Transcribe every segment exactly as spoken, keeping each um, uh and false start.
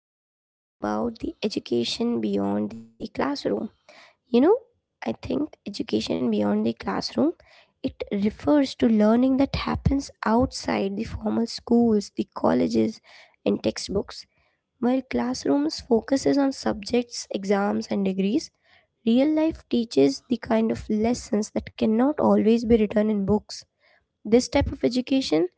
we are going to talk about the education beyond the classroom. You know, I think education beyond the classroom it refers to learning that happens outside the formal schools, the colleges and textbooks. While classrooms focuses on subjects, exams and degrees, real life teaches the kind of lessons that cannot always be written in books. This type of education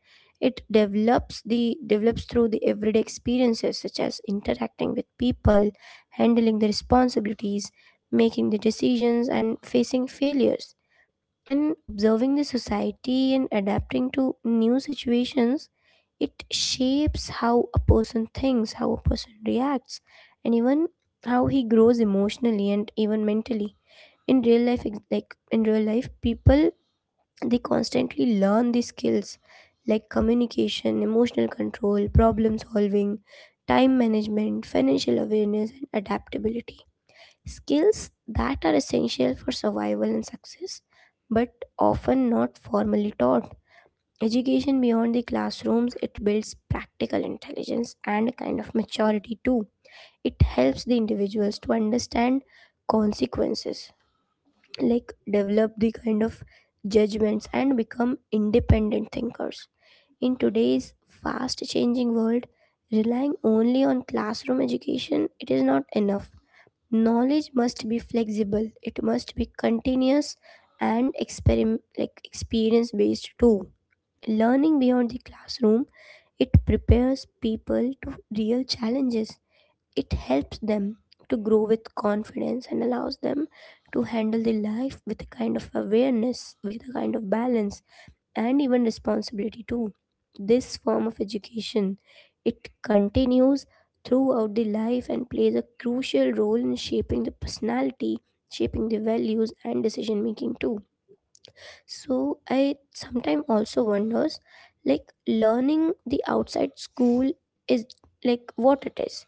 it develops the develops through the everyday experiences such as interacting with people, handling the responsibilities, making the decisions and facing failures and observing the society and adapting to new situations. It shapes how a person thinks, how a person reacts and even how he grows emotionally and even mentally. In real life ex- like in real life people they constantly learn these skills like communication, emotional control, problem solving, time management, financial awareness, and adaptability. Skills that are essential for survival and success, but often not formally taught. Education beyond the classrooms it builds practical intelligence and a kind of maturity too. It helps the individuals to understand consequences, like develop the kind of judgments and become independent thinkers. In today's fast changing world, relying only on classroom education it is not enough. Knowledge must be flexible. It must be continuous and experim- like experience based too. Learning beyond the classroom it prepares people to real challenges. It helps them to grow with confidence and allows them to handle their life with a kind of awareness, with a kind of balance, and even responsibility too. This form of education it continues throughout the life and plays a crucial role in shaping the personality, shaping the values and decision making too. So I sometimes also wonders like learning the outside school is like what it is.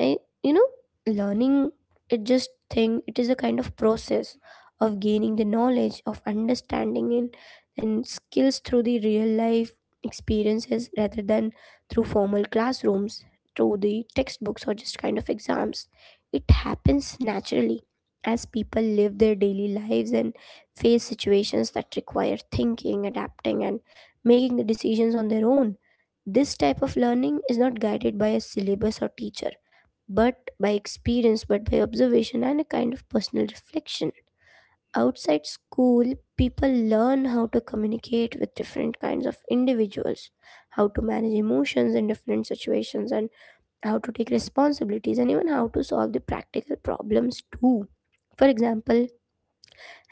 I, you know, learning it just thing, it is a kind of process of gaining the knowledge, of understanding and, and skills through the real life experiences rather than through formal classrooms, through the textbooks or just kind of exams. It happens naturally as people live their daily lives and face situations that require thinking, adapting, and making the decisions on their own. This type of learning is not guided by a syllabus or teacher but by experience, but by observation and a kind of personal reflection. Outside school, people learn how to communicate with different kinds of individuals, how to manage emotions in different situations, and how to take responsibilities, and even how to solve the practical problems too. For example,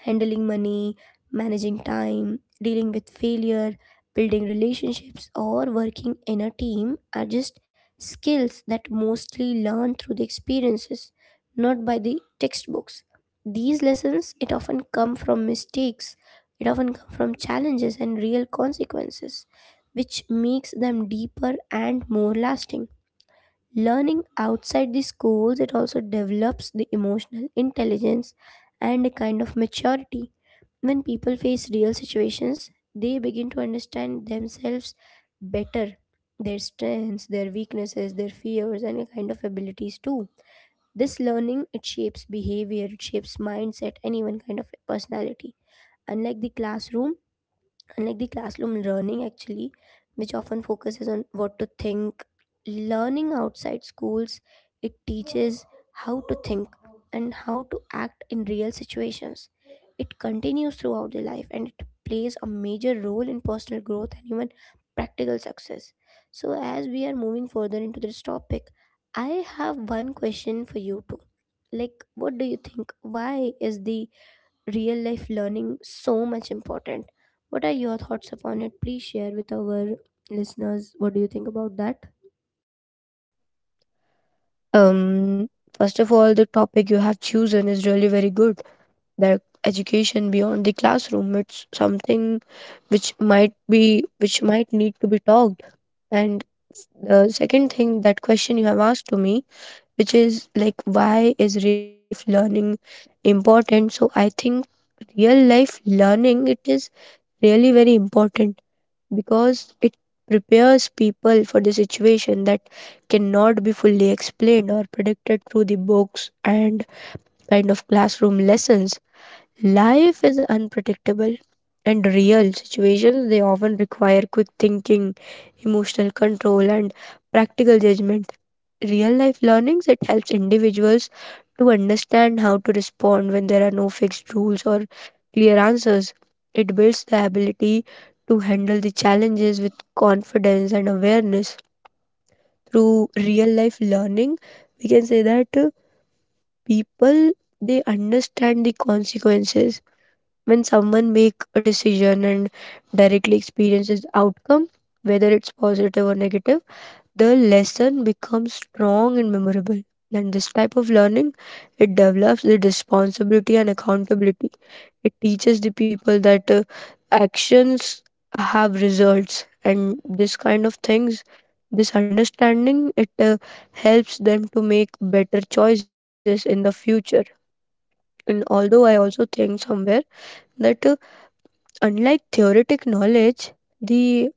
handling money, managing time, dealing with failure, building relationships, or working in a team are just skills that mostly learn through the experiences, not by the textbooks. These lessons it often come from mistakes, it often come from challenges and real consequences, which makes them deeper and more lasting. Learning outside the schools it also develops the emotional intelligence and a kind of maturity. When people face real situations, they begin to understand themselves better, their strengths, their weaknesses, their fears and a kind of abilities too. This learning it shapes behavior, it shapes mindset and even kind of personality. Unlike the classroom, Unlike the classroom learning actually, which often focuses on what to think, learning outside schools it teaches how to think and how to act in real situations. It continues throughout the life and it plays a major role in personal growth and even practical success. So as we are moving further into this topic, I have one question for you too. Like, what do you think, why is the real life learning so much important? What are your thoughts upon it? Please share with our listeners. What do you think about that? Um, First of all, the topic you have chosen is really very good. That education beyond the classroom, it's something which might be which might need to be talked. And the second thing, that question you have asked to me, which is like, why is real life learning important? So I think real life learning it is really very important because it prepares people for the situation that cannot be fully explained or predicted through the books and kind of classroom lessons. Life is unpredictable, and real situations they often require quick thinking, emotional control and practical judgment. Real life learnings it helps individuals to understand how to respond when there are no fixed rules or clear answers. It builds the ability to handle the challenges with confidence and awareness. Through real life learning, we can say that uh, people they understand the consequences when someone make a decision and directly experiences outcome, whether it's positive or negative, the lesson becomes strong and memorable. And this type of learning, it develops the responsibility and accountability. It teaches the people that uh, actions have results, and this kind of things, this understanding it uh, helps them to make better choices in the future. And although I also think somewhere that uh, unlike theoretic knowledge, the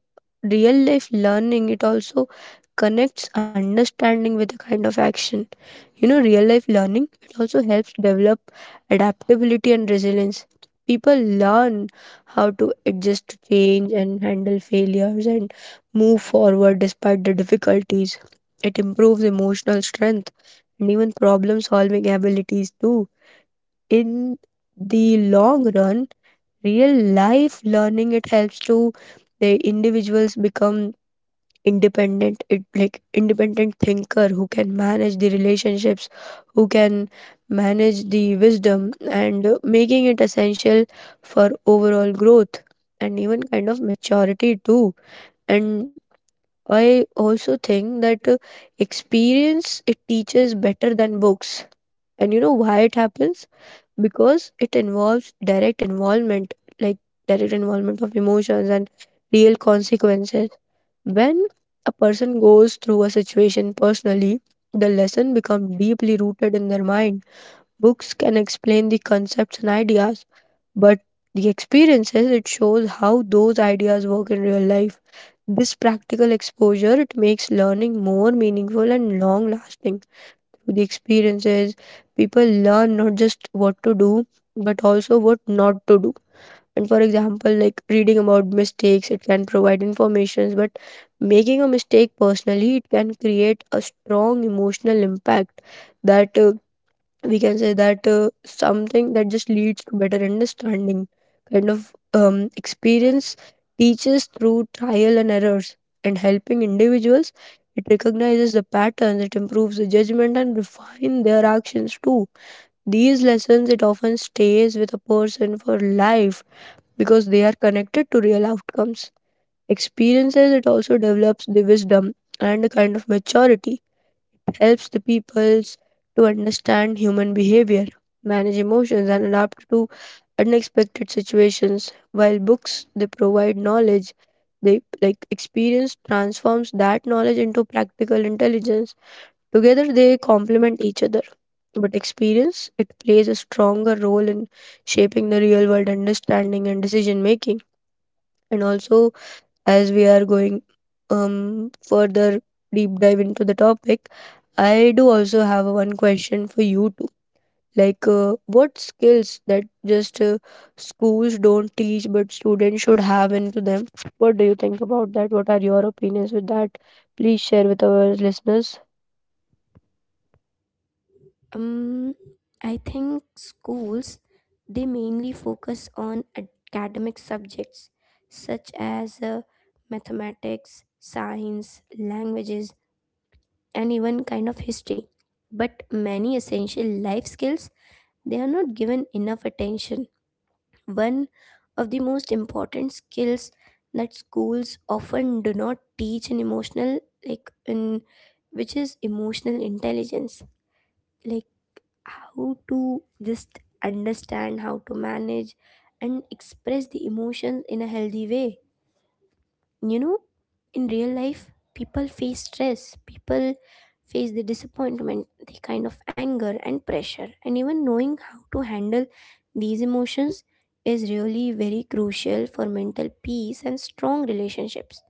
real life learning it also connects understanding with a kind of action. You know, real life learning it also helps develop adaptability and resilience. People learn how to adjust to change and handle failures and move forward despite the difficulties. It improves emotional strength and even problem solving abilities too. In the long run, real life learning it helps to the individuals become independent, it like independent thinker who can manage the relationships, who can manage the wisdom and uh, making it essential for overall growth and even kind of maturity too. And I also think that uh, experience it teaches better than books, and you know why it happens? Because it involves direct involvement, like direct involvement of emotions and real consequences. When a person goes through a situation personally, the lesson becomes deeply rooted in their mind. Books can explain the concepts and ideas, but the experiences it shows how those ideas work in real life. This practical exposure it makes learning more meaningful and long lasting to the experiences. People learn not just what to do, but also what not to do. And for example, like reading about mistakes, it can provide information, but making a mistake personally, it can create a strong emotional impact that uh, we can say that uh, something that just leads to better understanding. Kind of um, experience teaches through trial and errors and helping individuals, it recognizes the patterns, it improves the judgment and refine their actions too. These lessons it often stays with a person for life because they are connected to real outcomes. Experiences it also develops the wisdom and a kind of maturity, helps the peoples to understand human behavior, manage emotions, and adapt to unexpected situations. While books they provide knowledge, they like experience transforms that knowledge into practical intelligence. Together they complement each other. But experience it plays a stronger role in shaping the real world understanding and decision making. And also, as we are going um further deep dive into the topic, I do also have one question for you too. Like, uh, what skills that just uh, schools don't teach, but students should have into them? What do you think about that? What are your opinions with that? Please share with our listeners. Um, I think schools they mainly focus on academic subjects such as uh, mathematics, science, languages, and even kind of history. But many essential life skills they are not given enough attention. One of the most important skills that schools often do not teach in emotional like in which is emotional intelligence, like how to just understand, how to manage and express the emotions in a healthy way. You know, in real life people face stress, people face the disappointment, the kind of anger and pressure, and even knowing how to handle these emotions is really very crucial for mental peace and strong relationships.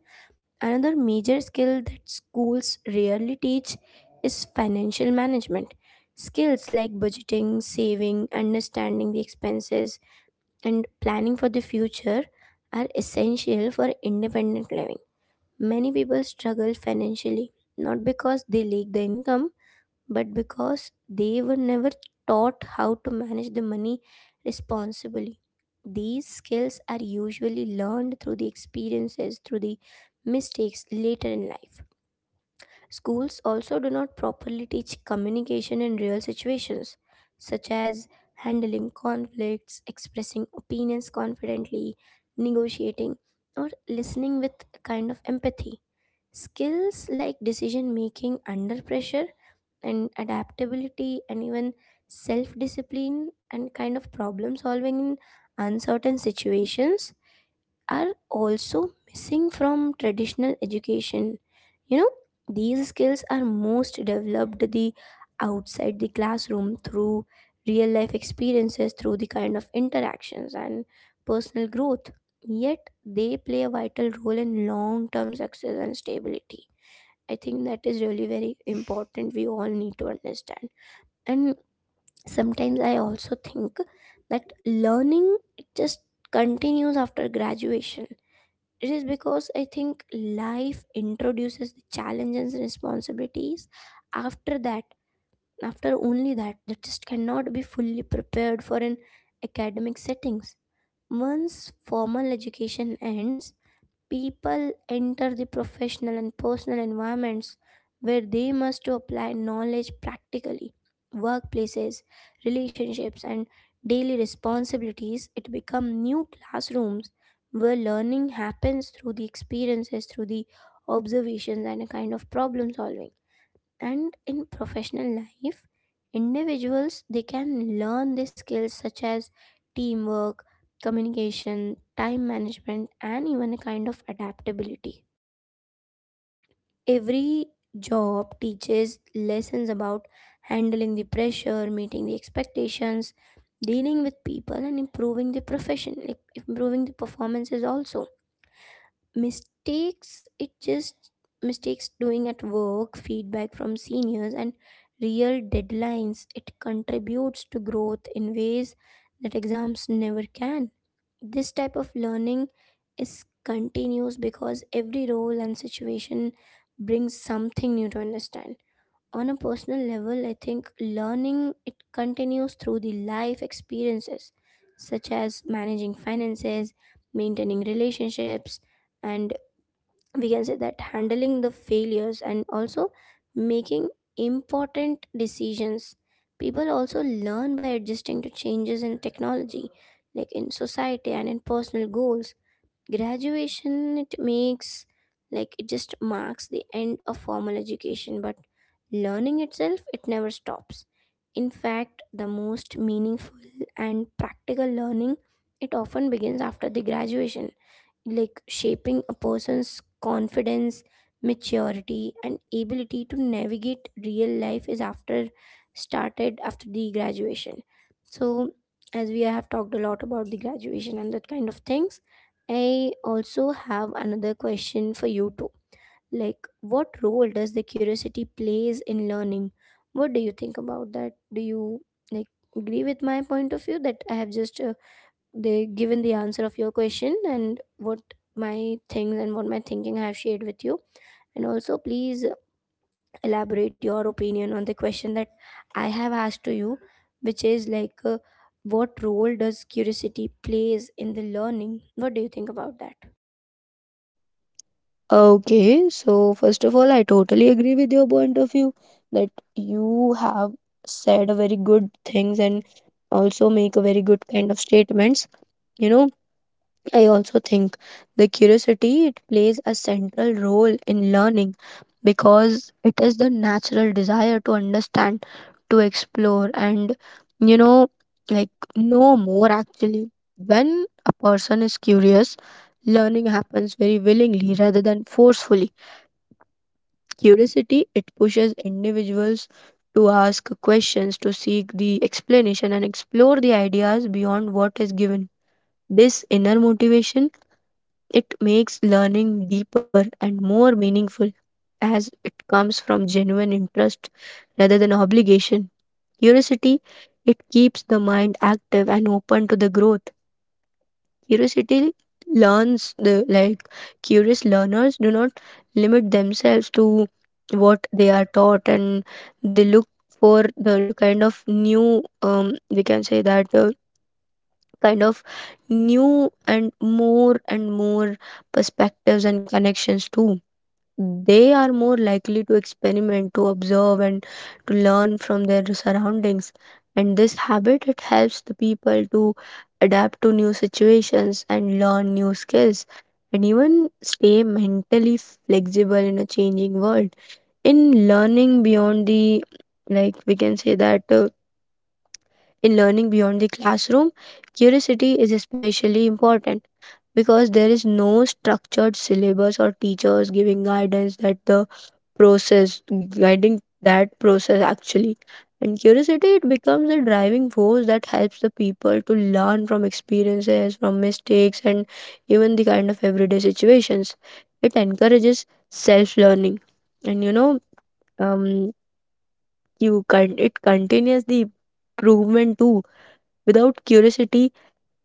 Another major skill that schools rarely teach is financial management. Skills like budgeting, saving, understanding the expenses and planning for the future are essential for independent living. Many people struggle financially not because they lack the income, but because they were never taught how to manage the money responsibly. These skills are usually learned through the experiences, through the mistakes later in life. Schools also do not properly teach communication in real situations, such as handling conflicts, expressing opinions confidently, negotiating, or listening with a kind of empathy. Skills like decision making under pressure and adaptability and even self discipline and kind of problem solving in uncertain situations are also missing from traditional education. You know, these skills are most developed the outside the classroom through real life experiences, through the kind of interactions and personal growth, yet they play a vital role in long term success and stability. I think that is really very important. We all need to understand. And sometimes I also think that learning it just continues after graduation. It is because I think life introduces the challenges and responsibilities after that. After only that, that just cannot be fully prepared for an academic settings. Once formal education ends, people enter the professional and personal environments where they must to apply knowledge practically. Workplaces, relationships, and daily responsibilities, it become new classrooms where learning happens through the experiences, through the observations, and a kind of problem solving. And in professional life, individuals they can learn the skills such as teamwork, communication, time management and even a kind of adaptability. Every job teaches lessons about handling the pressure, meeting the expectations, dealing with people and improving the profession like improving the performances. Also mistakes it just mistakes doing at work, feedback from seniors and real deadlines, it contributes to growth in ways that exams never can. This type of learning is continuous because every role and situation brings something new to understand. On a personal level, I think learning it continues through the life experiences such as managing finances, maintaining relationships, and we can say that handling the failures, and also making important decisions. People also learn by adjusting to changes in technology, like in society and in personal goals. Graduation it makes like It just marks the end of formal education, but learning itself it never stops. In fact, the most meaningful and practical learning it often begins after the graduation, like shaping a person's confidence, maturity, and ability to navigate real life is after started after the graduation. So, as we have talked a lot about the graduation and that kind of things, I also have another question for you too. Like, what role does the curiosity plays in learning? What do you think about that? Do you like agree with my point of view that I have just uh, they given the answer of your question, and what my things and what my thinking I have shared with you. And also, please elaborate your opinion on the question that I have asked to you, which is like, uh, what role does curiosity plays in the learning? What do you think about that? Okay, so first of all, I totally agree with your point of view that you have said a very good things and also make a very good kind of statements. You know, I also think the curiosity it plays a central role in learning because it is the natural desire to understand, to explore, and you know, like know more actually. When a person is curious, learning happens very willingly rather than forcefully. Curiosity it pushes individuals to ask questions, to seek the explanation, and explore the ideas beyond what is given. This inner motivation it makes learning deeper and more meaningful as it comes from genuine interest rather than obligation. Curiosity, it keeps the mind active and open to the growth. Curiosity learns the like Curious learners do not limit themselves to what they are taught, and they look for the kind of new um, we can say that uh, kind of new and more and more perspectives and connections too. They are more likely to experiment, to observe and to learn from their surroundings, and this habit it helps the people to adapt to new situations and learn new skills and even stay mentally flexible in a changing world. In learning beyond the like We can say that uh, in learning beyond the classroom, curiosity is especially important because there is no structured syllabus or teachers giving guidance that the process guiding that process actually. And curiosity it becomes a driving force that helps the people to learn from experiences, from mistakes and even the kind of everyday situations. It encourages self-learning. And you know, um you can it continues the improvement too. Without curiosity,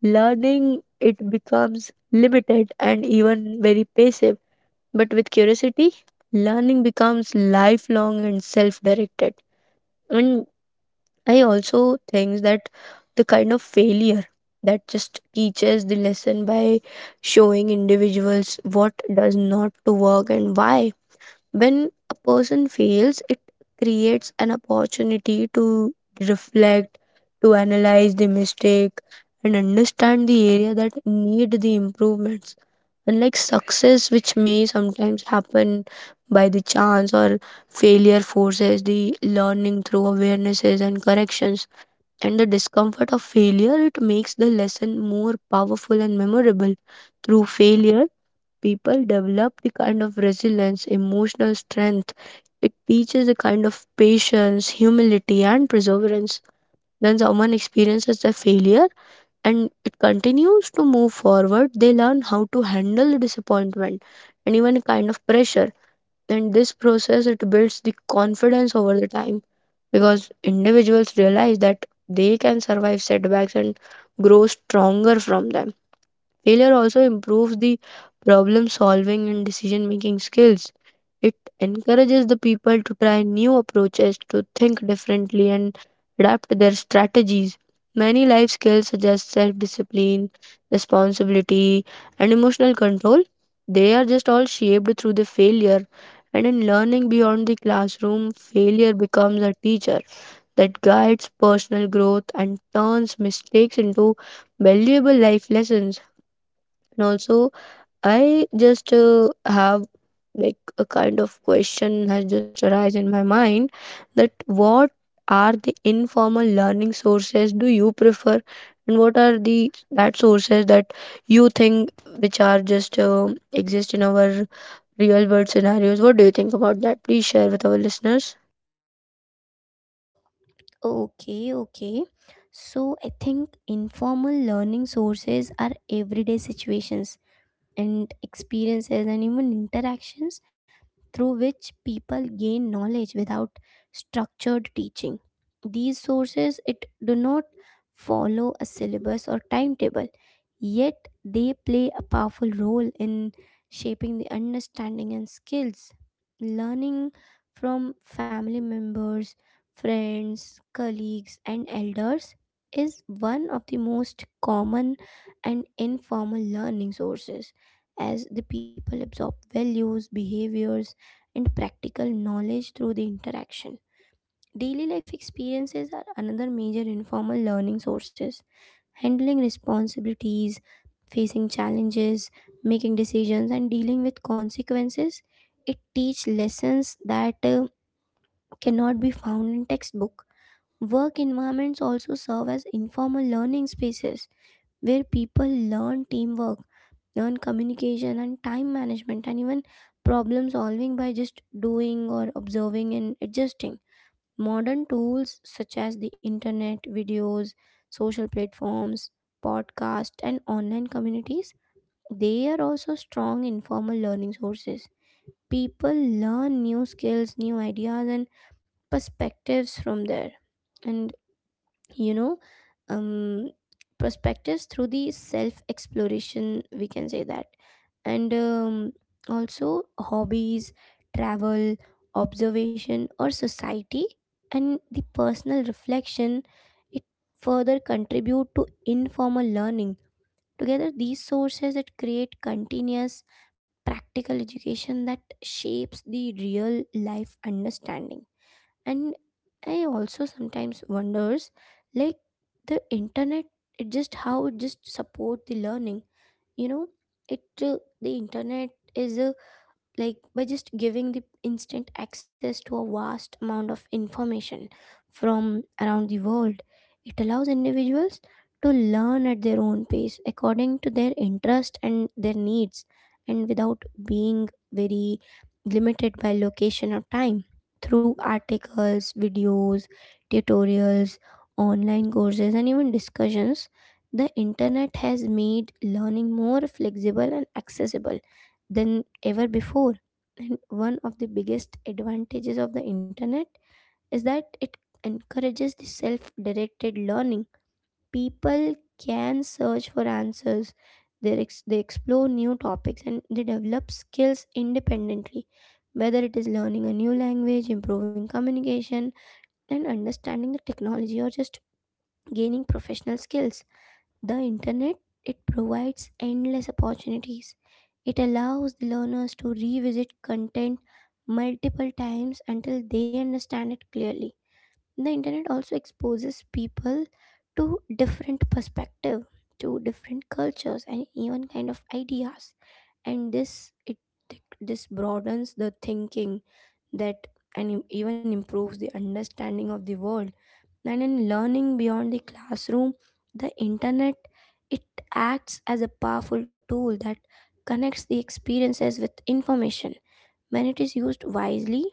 learning it becomes limited and even very passive, but with curiosity learning becomes lifelong and self-directed. And I also think that the kind of failure that just teaches the lesson by showing individuals what does not to work and why. When a person fails, it creates an opportunity to reflect, to analyze the mistake, and understand the area that need the improvements. Unlike success, which may sometimes happen by the chance, or failure forces the learning through awarenesses and corrections. And the discomfort of failure, it makes the lesson more powerful and memorable. Through failure, people develop the kind of resilience, emotional strength. It teaches a kind of patience, humility, and perseverance. When someone experiences a failure and it continues to move forward, they learn how to handle disappointment and even kind of pressure. And this process it builds the confidence over the time because individuals realize that they can survive setbacks and grow stronger from them. Failure also improves the problem solving and decision making skills. It encourages the people to try new approaches, to think differently, and adapt their strategies. Many life skills, such as self discipline, responsibility, and emotional control, they are just all shaped through the failure. And in learning beyond the classroom, failure becomes a teacher that guides personal growth and turns mistakes into valuable life lessons. And also, I just uh, have like a kind of question has just arise in my mind that what are the informal learning sources do you prefer, and what are the that sources that you think which are just uh, exist in our real world scenarios? What do you think about that? Please share with our listeners. Okay, okay. So I think informal learning sources are everyday situations and experiences and even interactions through which people gain knowledge without structured teaching. These sources it do not follow a syllabus or timetable, yet they play a powerful role in shaping the understanding and skills. Learning from family members, friends, colleagues, and elders is one of the most common and informal learning sources as the people absorb values, behaviors, and practical knowledge through the interaction. Daily life experiences are another major informal learning sources. Handling responsibilities, facing challenges, making decisions, and dealing with consequences. It teach lessons that uh, cannot be found in textbook. Work environments also serve as informal learning spaces where people learn teamwork, learn communication and time management and even problem solving by just doing or observing and adjusting. Modern tools such as the internet, videos, social platforms, podcasts, and online communities, they are also strong informal learning sources. People learn new skills, new ideas, and perspectives from there. And you know um perspectives through the self exploration, we can say that, and um, also hobbies, travel, observation or society, and the personal reflection, it further contribute to informal learning. Together these sources that create continuous practical education that shapes the real life understanding. And I also sometimes wonders, like, the internet, it just how it just support the learning, you know it uh, the internet is a, like, by just giving the instant access to a vast amount of information from around the world. It allows individuals to learn at their own pace according to their interest and their needs, and without being very limited by location or time. Through articles, videos, tutorials, online courses, and even discussions, the internet has made learning more flexible and accessible than ever before. And one of the biggest advantages of the internet is that it encourages the self directed learning. People can search for answers, they, ex- they explore new topics, and they develop skills independently. Whether it is learning a new language, improving communication, and understanding the technology, or just gaining professional skills, the internet, it provides endless opportunities. It allows the learners to revisit content multiple times until they understand it clearly. The internet also exposes people to different perspective, to different cultures, and even kind of ideas. And this it this broadens the thinking that, and even improves the understanding of the world. And in learning beyond the classroom, the internet, it acts as a powerful tool that connects the experiences with information. When it is used wisely,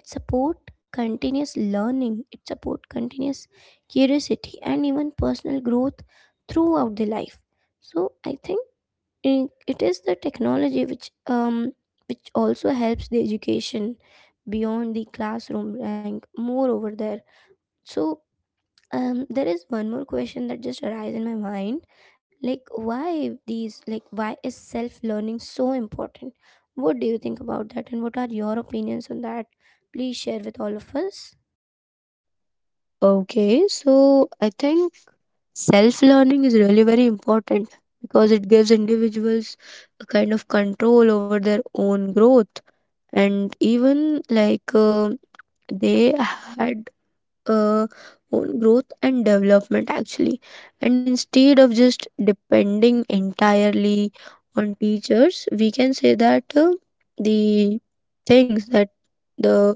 it support continuous learning, it support continuous curiosity, and even personal growth throughout the life. So I think i- it is the technology which um which also helps the education beyond the classroom, and moreover there. So um there is one more question that just arises in my mind, like, why these, like, why is self learning so important? What do you think about that, and what are your opinions on that? Please share with all of us. Okay, so I think self learning is really very important because it gives individuals a kind of control over their own growth. And even like uh, they had uh, own growth and development actually. And instead of just depending entirely on teachers, we can say that uh, the things that the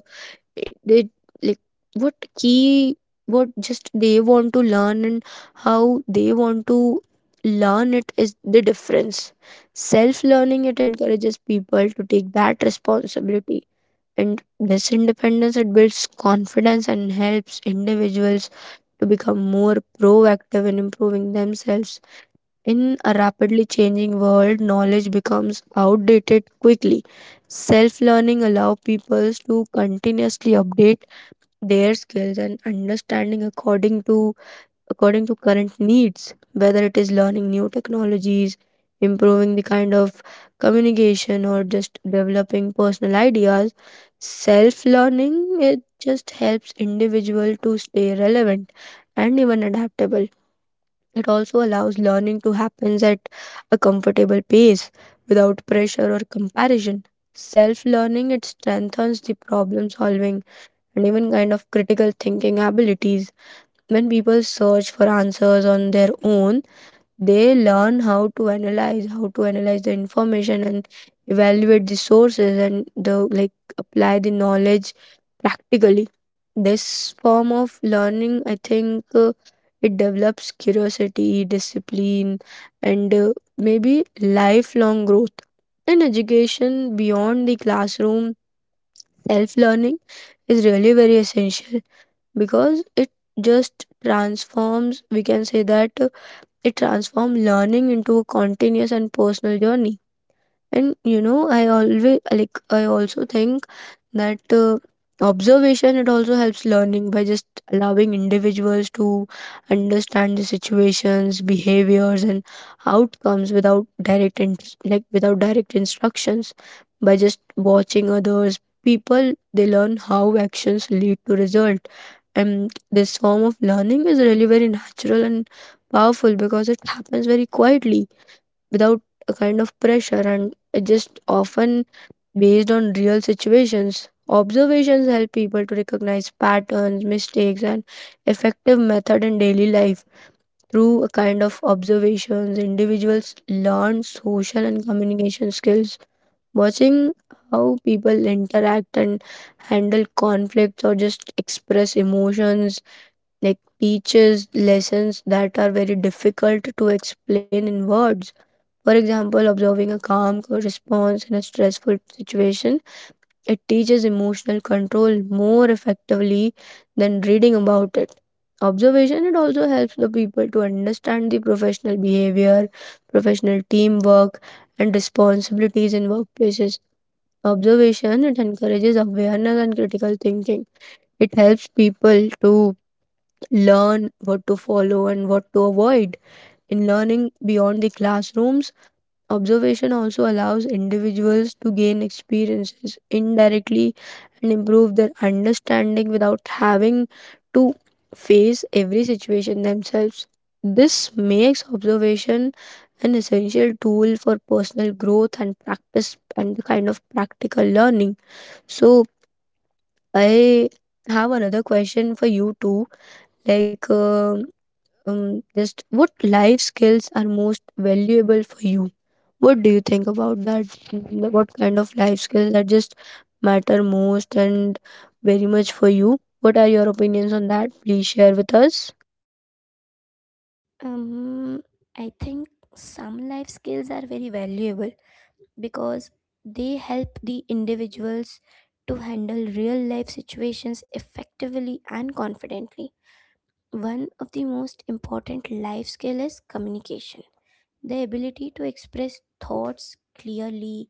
they like what key what just they want to learn and how they want to learn it is the difference. Self learning it encourages people to take that responsibility, and this independence it builds confidence and helps individuals to become more proactive in improving themselves. In a rapidly changing world, knowledge becomes outdated quickly. Self learning allow people to continuously update their skills and understanding according to according to current needs, whether it is learning new technologies, improving the kind of communication, or just developing personal ideas. Self learning it just helps individual to stay relevant and even adaptable. It also allows learning to happens at a comfortable pace without pressure or comparison. Self learning it strengthens the problem solving and even kind of critical thinking abilities. When people search for answers on their own, they learn how to analyze, how to analyze the information and evaluate the sources and the like apply the knowledge practically. This form of learning, I think, uh, it develops curiosity, discipline, and uh, maybe lifelong growth. In education beyond the classroom, self learning is really very essential because it just transforms, we can say that uh, it transforms learning into a continuous and personal journey. And you know, I always like I also think that uh, observation it also helps learning by just allowing individuals to understand the situations, behaviors, and outcomes without direct in- like without direct instructions. By just watching others, people they learn how actions lead to result, and this form of learning is really very natural and powerful because it happens very quietly without a kind of pressure, and it just often based on real situations. Observations help people to recognize patterns, mistakes, and effective method in daily life. Through a kind of observations, individuals learn social and communication skills. Watching how people interact and handle conflicts or just express emotions like teaches lessons that are very difficult to explain in words. For example, observing a calm response in a stressful situation, it teaches emotional control more effectively than reading about it. Observation it also helps the people to understand the professional behavior, professional teamwork, and responsibilities in workplaces. Observation it encourages awareness and critical thinking. It helps people to learn what to follow and what to avoid. In learning beyond the classrooms, observation also allows individuals to gain experiences indirectly and improve their understanding without having to face every situation themselves. This makes observation an essential tool for personal growth and practice and the kind of practical learning. So, I have another question for you too. Like, um um, just what life skills are most valuable for you? What do you think about that? Mm, what kind of life skills that just matter most and very much for you? What are your opinions on that? Please share with us. um I think some life skills are very valuable because they help the individuals to handle real life situations effectively and confidently. One of the most important life skill is communication. The ability to express thoughts clearly,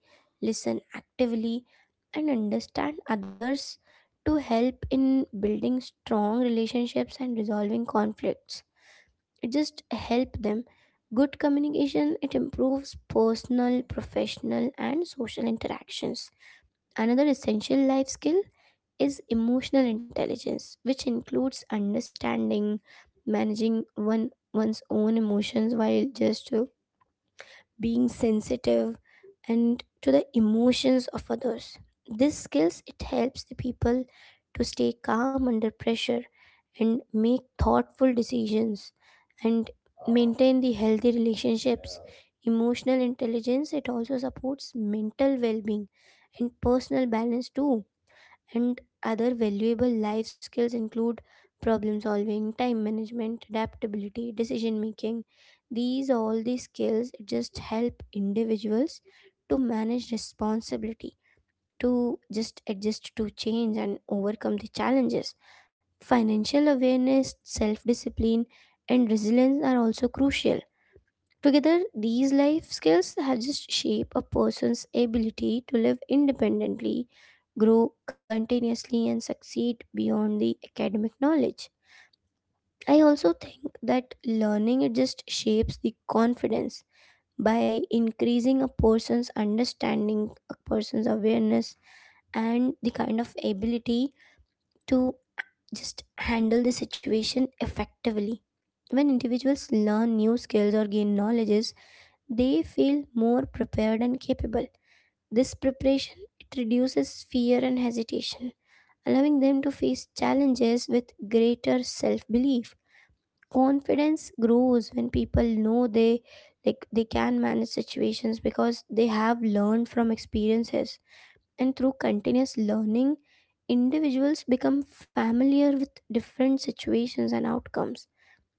listen actively, and understand others to help in building strong relationships and resolving conflicts. It just help them. Good communication, it improves personal, professional, and social interactions. Another essential life skill is emotional intelligence, which includes understanding, managing one one's own emotions while just uh, being sensitive and to the emotions of others. These skills, it helps the people to stay calm under pressure, and make thoughtful decisions, and maintain the healthy relationships. Emotional intelligence, it also supports mental well-being and personal balance too. And other valuable life skills include problem solving, time management, adaptability, decision making. These, all these skills just help individuals to manage responsibility, to just adjust to change and overcome the challenges. Financial awareness, self discipline, and resilience are also crucial. Together, these life skills have just shape a person's ability to live independently, grow continuously, and succeed beyond the academic knowledge. I also think that learning, it just shapes the confidence by increasing a person's understanding, a person's awareness, and the kind of ability to just handle the situation effectively. When individuals learn new skills or gain knowledges, they feel more prepared and capable. This preparation, it reduces fear and hesitation, allowing them to face challenges with greater self-belief. Confidence grows when people know they, like, they can manage situations because they have learned from experiences. And through continuous learning, individuals become familiar with different situations and outcomes.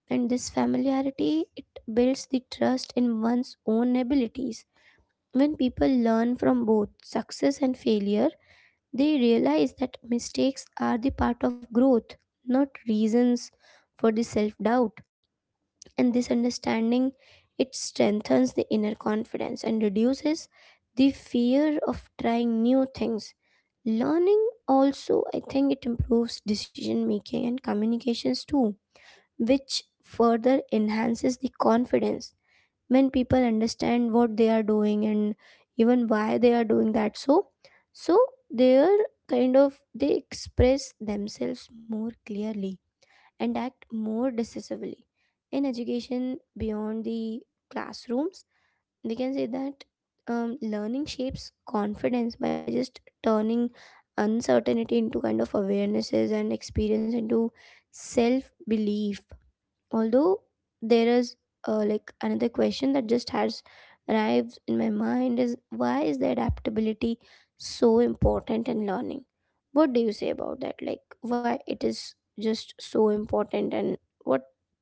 And this familiarity, it builds the trust in one's own abilities. When people learn from both success and failure, they realize that mistakes are the part of growth, not reasons for the self-doubt. And this understanding, it strengthens the inner confidence and reduces the fear of trying new things. Learning also, I think, it improves decision making and communications too, which further enhances the confidence. When people understand what they are doing and even why they are doing that, so so they're kind of, they express themselves more clearly and act more decisively. In education beyond the classrooms, we can say that um, learning shapes confidence by just turning uncertainty into kind of awarenesses and experience into self belief. Although, there is uh, like another question that just has arrived in my mind is, why is the adaptability so important in learning? What do you say about that, like why it is just so important, and what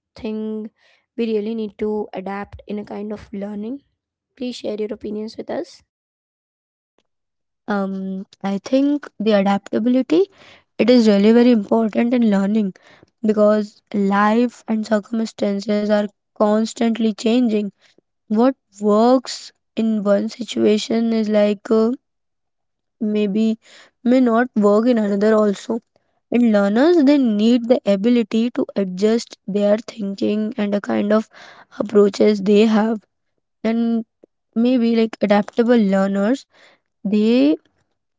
thing we really need to adapt in a kind of learning? Please share your opinions with us. Um, I think the adaptability it is really very important in learning because life and circumstances are constantly changing. What works in one situation is like uh, maybe may not work in another also, and learners they need the ability to adjust their thinking and the kind of approaches they have, and maybe like adaptable learners they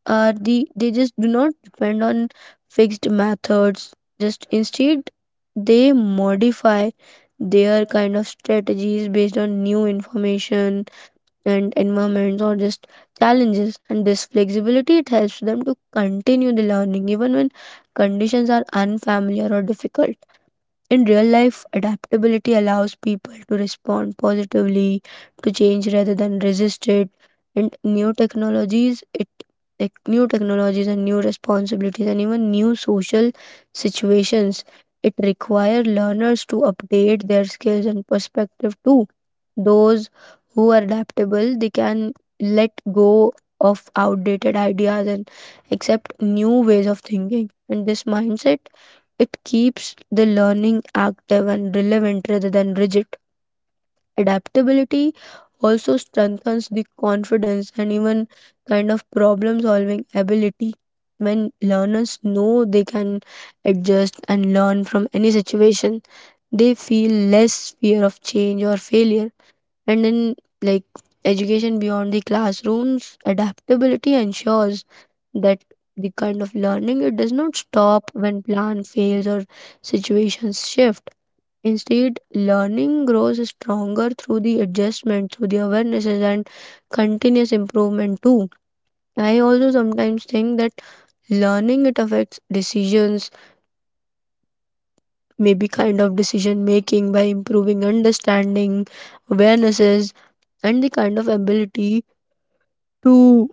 are the they just do not depend on fixed methods. Just instead, they modify their kind of strategies based on new information and environments or just challenges, and this flexibility it helps them to continue the learning even when conditions are unfamiliar or difficult. In real life, adaptability allows people to respond positively to change rather than resist it. And new technologies, it like new technologies and new responsibilities and even new social situations, it require learners to update their skills and perspective too. Those who are adaptable, they can let go of outdated ideas and accept new ways of thinking. And this mindset it keeps the learning active and relevant rather than rigid. Adaptability also strengthens the confidence and even kind of problem solving ability. When learners know they can adjust and learn from any situation, they feel less fear of change or failure. And in like education beyond the classrooms, adaptability ensures that the kind of learning it does not stop when plan fails or situations shift. Instead, learning grows stronger through the adjustment, through the awarenesses and continuous improvement too. I also sometimes think that learning it affects decisions, maybe kind of decision making by improving understanding, awarenesses, and the kind of ability to,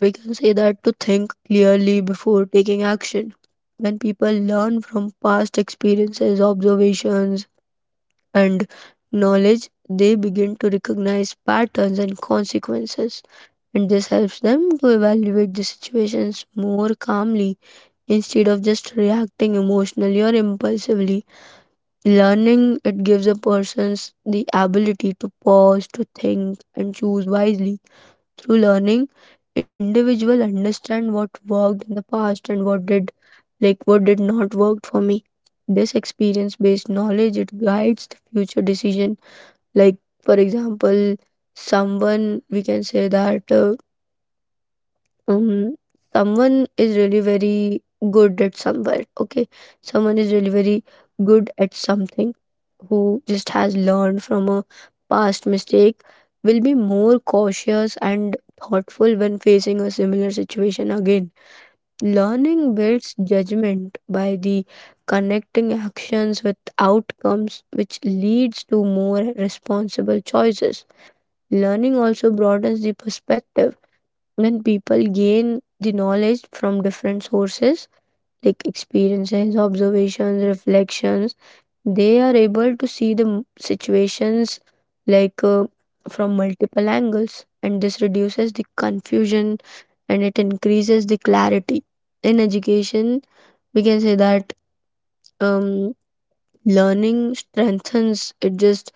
we can say that, to think clearly before taking action. When people learn from past experiences, observations, and knowledge, they begin to recognize patterns and consequences, and this helps them to evaluate the situations more calmly instead of just reacting emotionally or impulsively. Learning it gives a person the ability to pause, to think, and choose wisely. Through learning, individual understand what worked in the past and what did like what did not work for me. This experience based knowledge it guides the future decision. Like for example, someone we can say that uh, um someone is really very good at somewhere, okay, someone is really very good at something, who just has learned from a past mistake, will be more cautious and thoughtful when facing a similar situation again. Learning builds judgment by the connecting actions with outcomes, which leads to more responsible choices. Learning also broadens the perspective. When people gain the knowledge from different sources like experiences, observations, reflections, they are able to see the m- situations like uh, from multiple angles, and this reduces the confusion and it increases the clarity. In education, we can say that, um, learning strengthens it just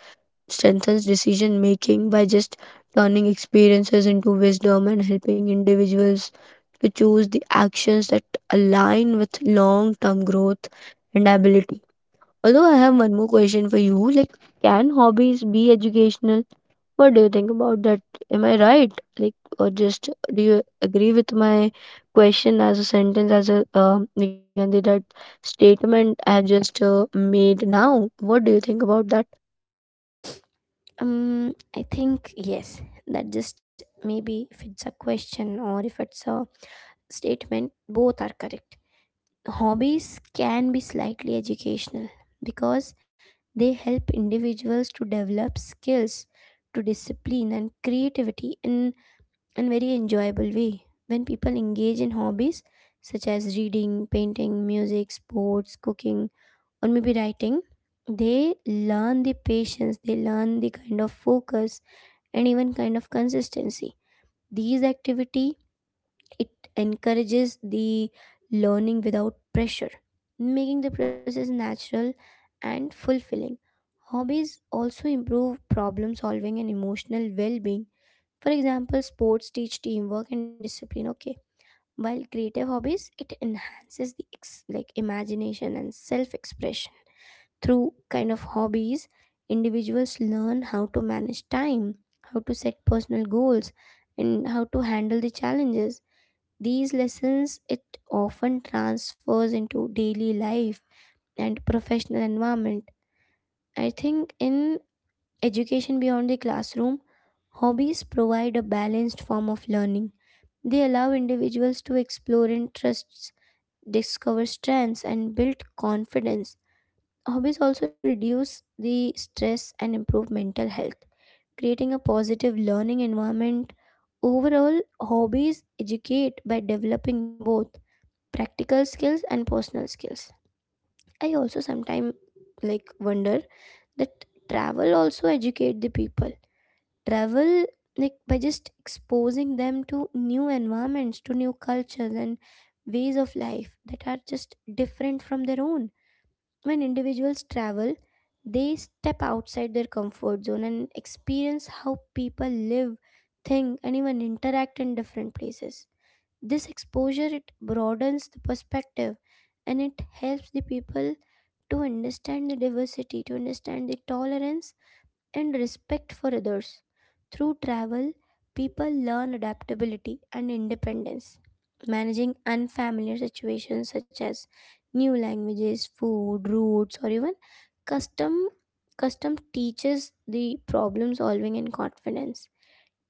strengthens decision making by just turning experiences into wisdom and helping individuals to choose the actions that align with long term growth and ability. Although I have one more question for you, like, can hobbies be educational? What do you think about that? Am I right? Like, or just do you agree with my question as a sentence, as a um, Nigandhi, that statement I have just uh, made now? What do you think about that? um I think yes, that just maybe if it's a question or if it's a statement, both are correct. Hobbies can be slightly educational because they help individuals to develop skills, to discipline and creativity in a very enjoyable way. When people engage in hobbies such as reading, painting, music, sports, cooking, or maybe writing, they learn the patience, they learn the kind of focus, and even kind of consistency. These activity, it encourages the learning without pressure, making the process natural and fulfilling. Hobbies also improve problem solving and emotional well being. For example, sports teach teamwork and discipline, okay? While creative hobbies, it enhances the ex- like imagination and self expression. Through kind of hobbies, individuals learn how to manage time, how to set personal goals, and how to handle the challenges. These lessons, it often transfers into daily life and professional environment. I think in education beyond the classroom, hobbies provide a balanced form of learning. They allow individuals to explore interests, discover strengths, and build confidence. Hobbies also reduce the stress and improve mental health, creating a positive learning environment. Overall, hobbies educate by developing both practical skills and personal skills. I also sometimes, like, wonder that travel also educate the people. Travel, like, by just exposing them to new environments, to new cultures, and ways of life that are just different from their own. When individuals travel, they step outside their comfort zone and experience how people live, think, and even interact in different places. This exposure, it broadens the perspective, and it helps the people to understand the diversity, to understand the tolerance and respect for others. Through travel, people learn adaptability and independence. Managing unfamiliar situations such as new languages, food, routes, or even custom custom teaches the problem solving and confidence.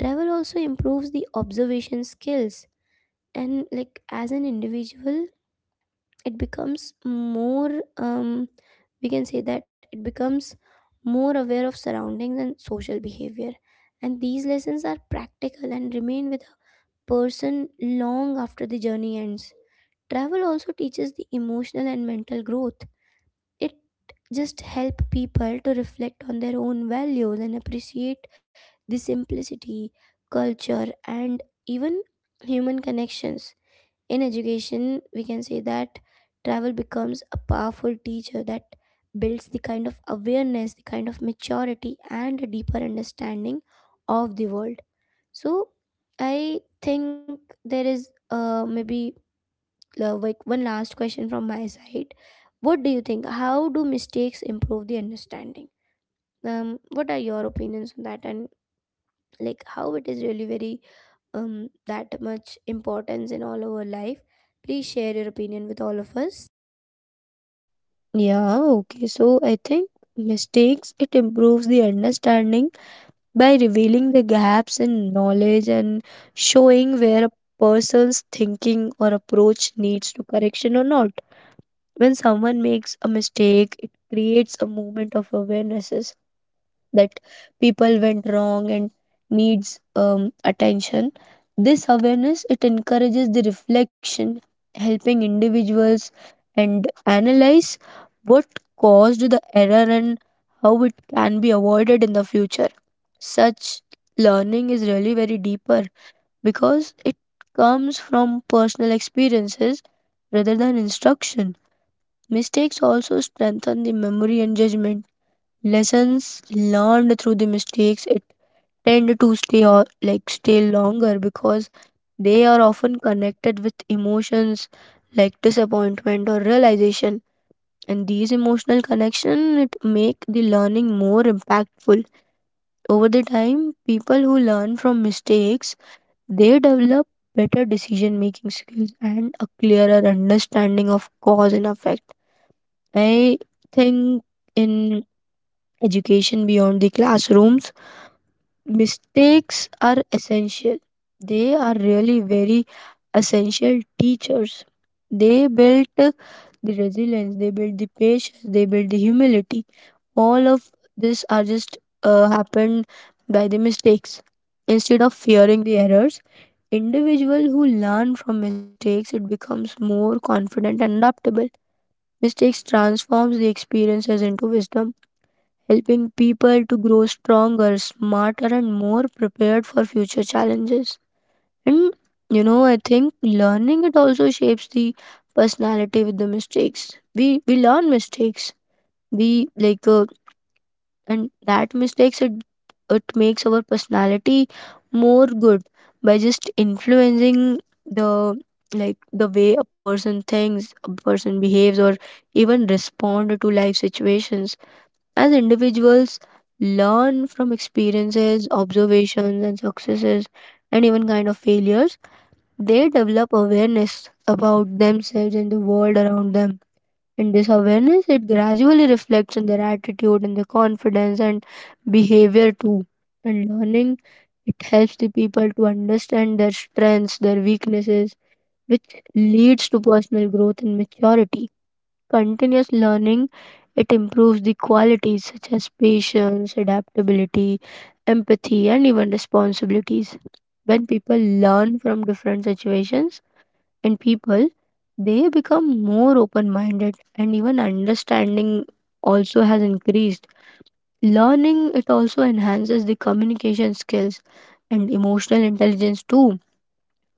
Travel also improves the observation skills, and like, as an individual, it becomes more um we can say that it becomes more aware of surroundings and social behavior. And these lessons are practical and remain with a person long after the journey ends. Travel also teaches the emotional and mental growth. It just help people to reflect on their own values and appreciate the simplicity, culture, and even human connections. In education, we can say that travel becomes a powerful teacher that builds the kind of awareness, the kind of maturity, and a deeper understanding of the world. So I think there is uh, maybe uh, like one last question from my side. What do you think, how do mistakes improve the understanding? um what are your opinions on that, and like how it is really very um, that much importance in all our life. Please share your opinion with all of us. Yeah, okay. So I think mistakes it improves the understanding by revealing the gaps in knowledge and showing where a person's thinking or approach needs to correction or not. When someone makes a mistake, it creates a moment of awarenesses that people went wrong and needs um, attention. This awareness it encourages the reflection, helping individuals and analyze what caused the error and how it can be avoided in the future. Such learning is really very deeper because it comes from personal experiences rather than instruction. Mistakes also strengthen the memory and judgment. Lessons learned through the mistakes it tend to stay or like stay longer because they are often connected with emotions like disappointment or realization, and these emotional connection it make the learning more impactful. Over the time, people who learn from mistakes they develop better decision making skills and a clearer understanding of cause and effect. I think in education beyond the classrooms, mistakes are essential. They are really very essential teachers. They built uh, the resilience, they built the patience, they built the humility. All of this are just uh, happened by the mistakes. Instead of fearing the errors, individual who learn from mistakes it becomes more confident and adaptable. Mistakes transforms the experiences into wisdom, helping people to grow stronger, smarter, and more prepared for future challenges. And you know, I think learning it also shapes the personality with the mistakes. We we learn mistakes. We like uh, and that mistakes it it makes our personality more good by just influencing the like the way a person thinks, a person behaves, or even respond to life situations. As individuals learn from experiences, observations, and successes, and even kind of failures, they develop awareness about themselves and the world around them. And this awareness it gradually reflects in their attitude and their confidence and behavior too. And learning it helps the people to understand their strengths, their weaknesses, which leads to personal growth and maturity. Continuous learning it improves the qualities such as patience, adaptability, empathy, and even responsibilities. When people learn from different situations and people, they become more open minded, and even understanding also has increased. Learning it also enhances the communication skills and emotional intelligence too,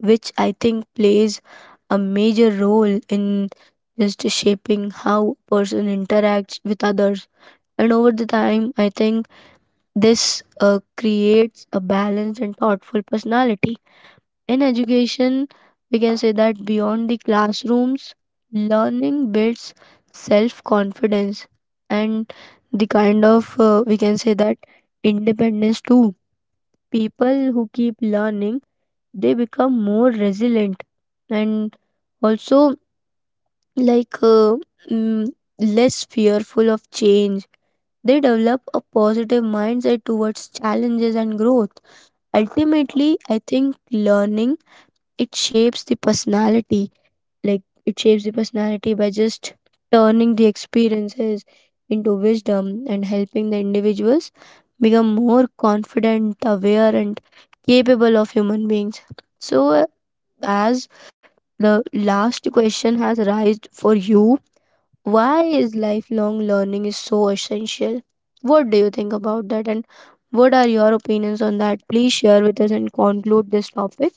which I think plays a major role in just shaping how a person interacts with others. And over the time, I think this uh, creates a balanced and thoughtful personality. In education, we can say that beyond the classrooms, learning builds self confidence and the kind of, uh, we can say that, independence too. People who keep learning they become more resilient and also like uh, mm, less fearful of change. They develop a positive mindset towards challenges and growth. Ultimately, I think learning it shapes the personality, like it shapes the personality by just turning the experiences into wisdom and helping the individuals become more confident, aware, and capable of human beings. So uh, as the last question has arisen for you. Why is lifelong learning is so essential? What do you think about that and what are your opinions on that? Please share with us and conclude this topic.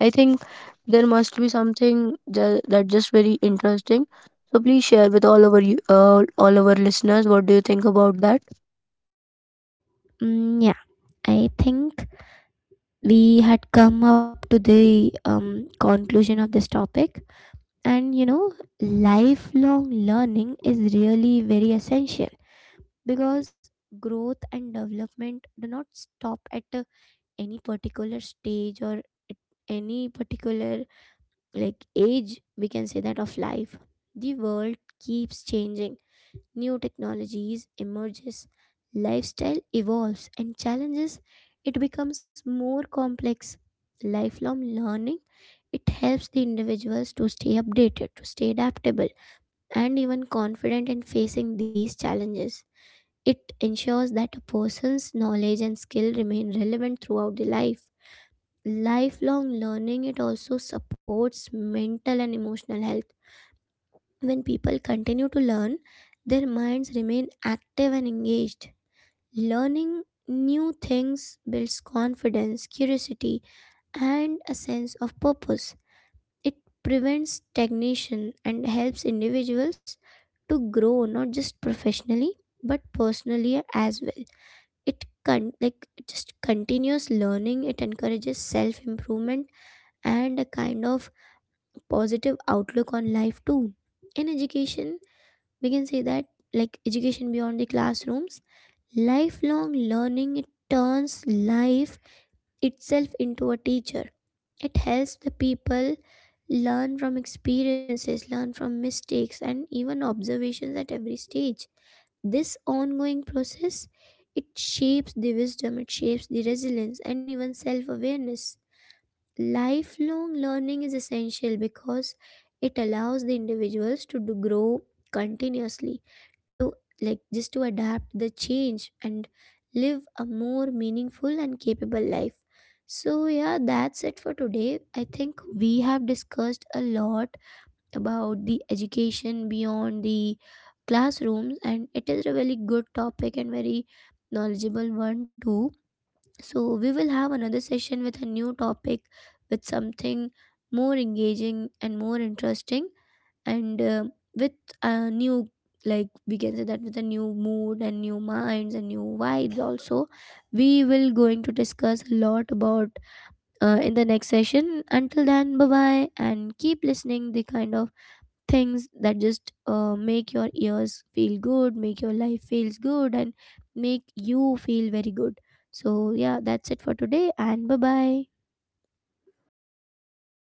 I think there must be something ju- that just very interesting. So please share with all our you- uh, all our listeners. What do you think about that? Mm, yeah, I think we had come up to the um, conclusion of this topic. And you know, lifelong learning is really very essential because growth and development do not stop at uh, any particular stage, or at any particular, like, age, we can say that, of life. The world keeps changing, new technologies emerges, lifestyle evolves, and challenges, it becomes more complex. Lifelong learning, it helps the individuals to stay updated, to stay adaptable, and even confident in facing these challenges. It ensures that a person's knowledge and skill remain relevant throughout the life. Lifelong learning, it also supports mental and emotional health. When people continue to learn, their minds remain active and engaged. Learning new things builds confidence, curiosity, and a sense of purpose. It prevents stagnation and helps individuals to grow not just professionally, but personally as well. It con- like just continuous learning, it encourages self improvement and a kind of positive outlook on life too. In education, we can say that, like, education beyond the classrooms, lifelong learning, it turns life itself into a teacher. It helps the people learn from experiences, learn from mistakes, and even observations at every stage. This ongoing process, it shapes the wisdom, it shapes the resilience, and even self awareness. Lifelong learning is essential because it allows the individuals to do- grow continuously, to, like, just to adapt the change, and live a more meaningful and capable life. So, yeah, that's it for today. I think we have discussed a lot about the education beyond the classrooms, and it is a really good topic and very knowledgeable one, too. So, we will have another session with a new topic, with something more engaging and more interesting, and uh, with a new, like, we can say that, with a new mood and new minds and new vibes, also. We will going to discuss a lot about uh, in the next session. Until then, bye bye, and keep listening the kind of things that just uh, make your ears feel good, make your life feels good, and make you feel very good. So yeah, that's it for today, and bye bye.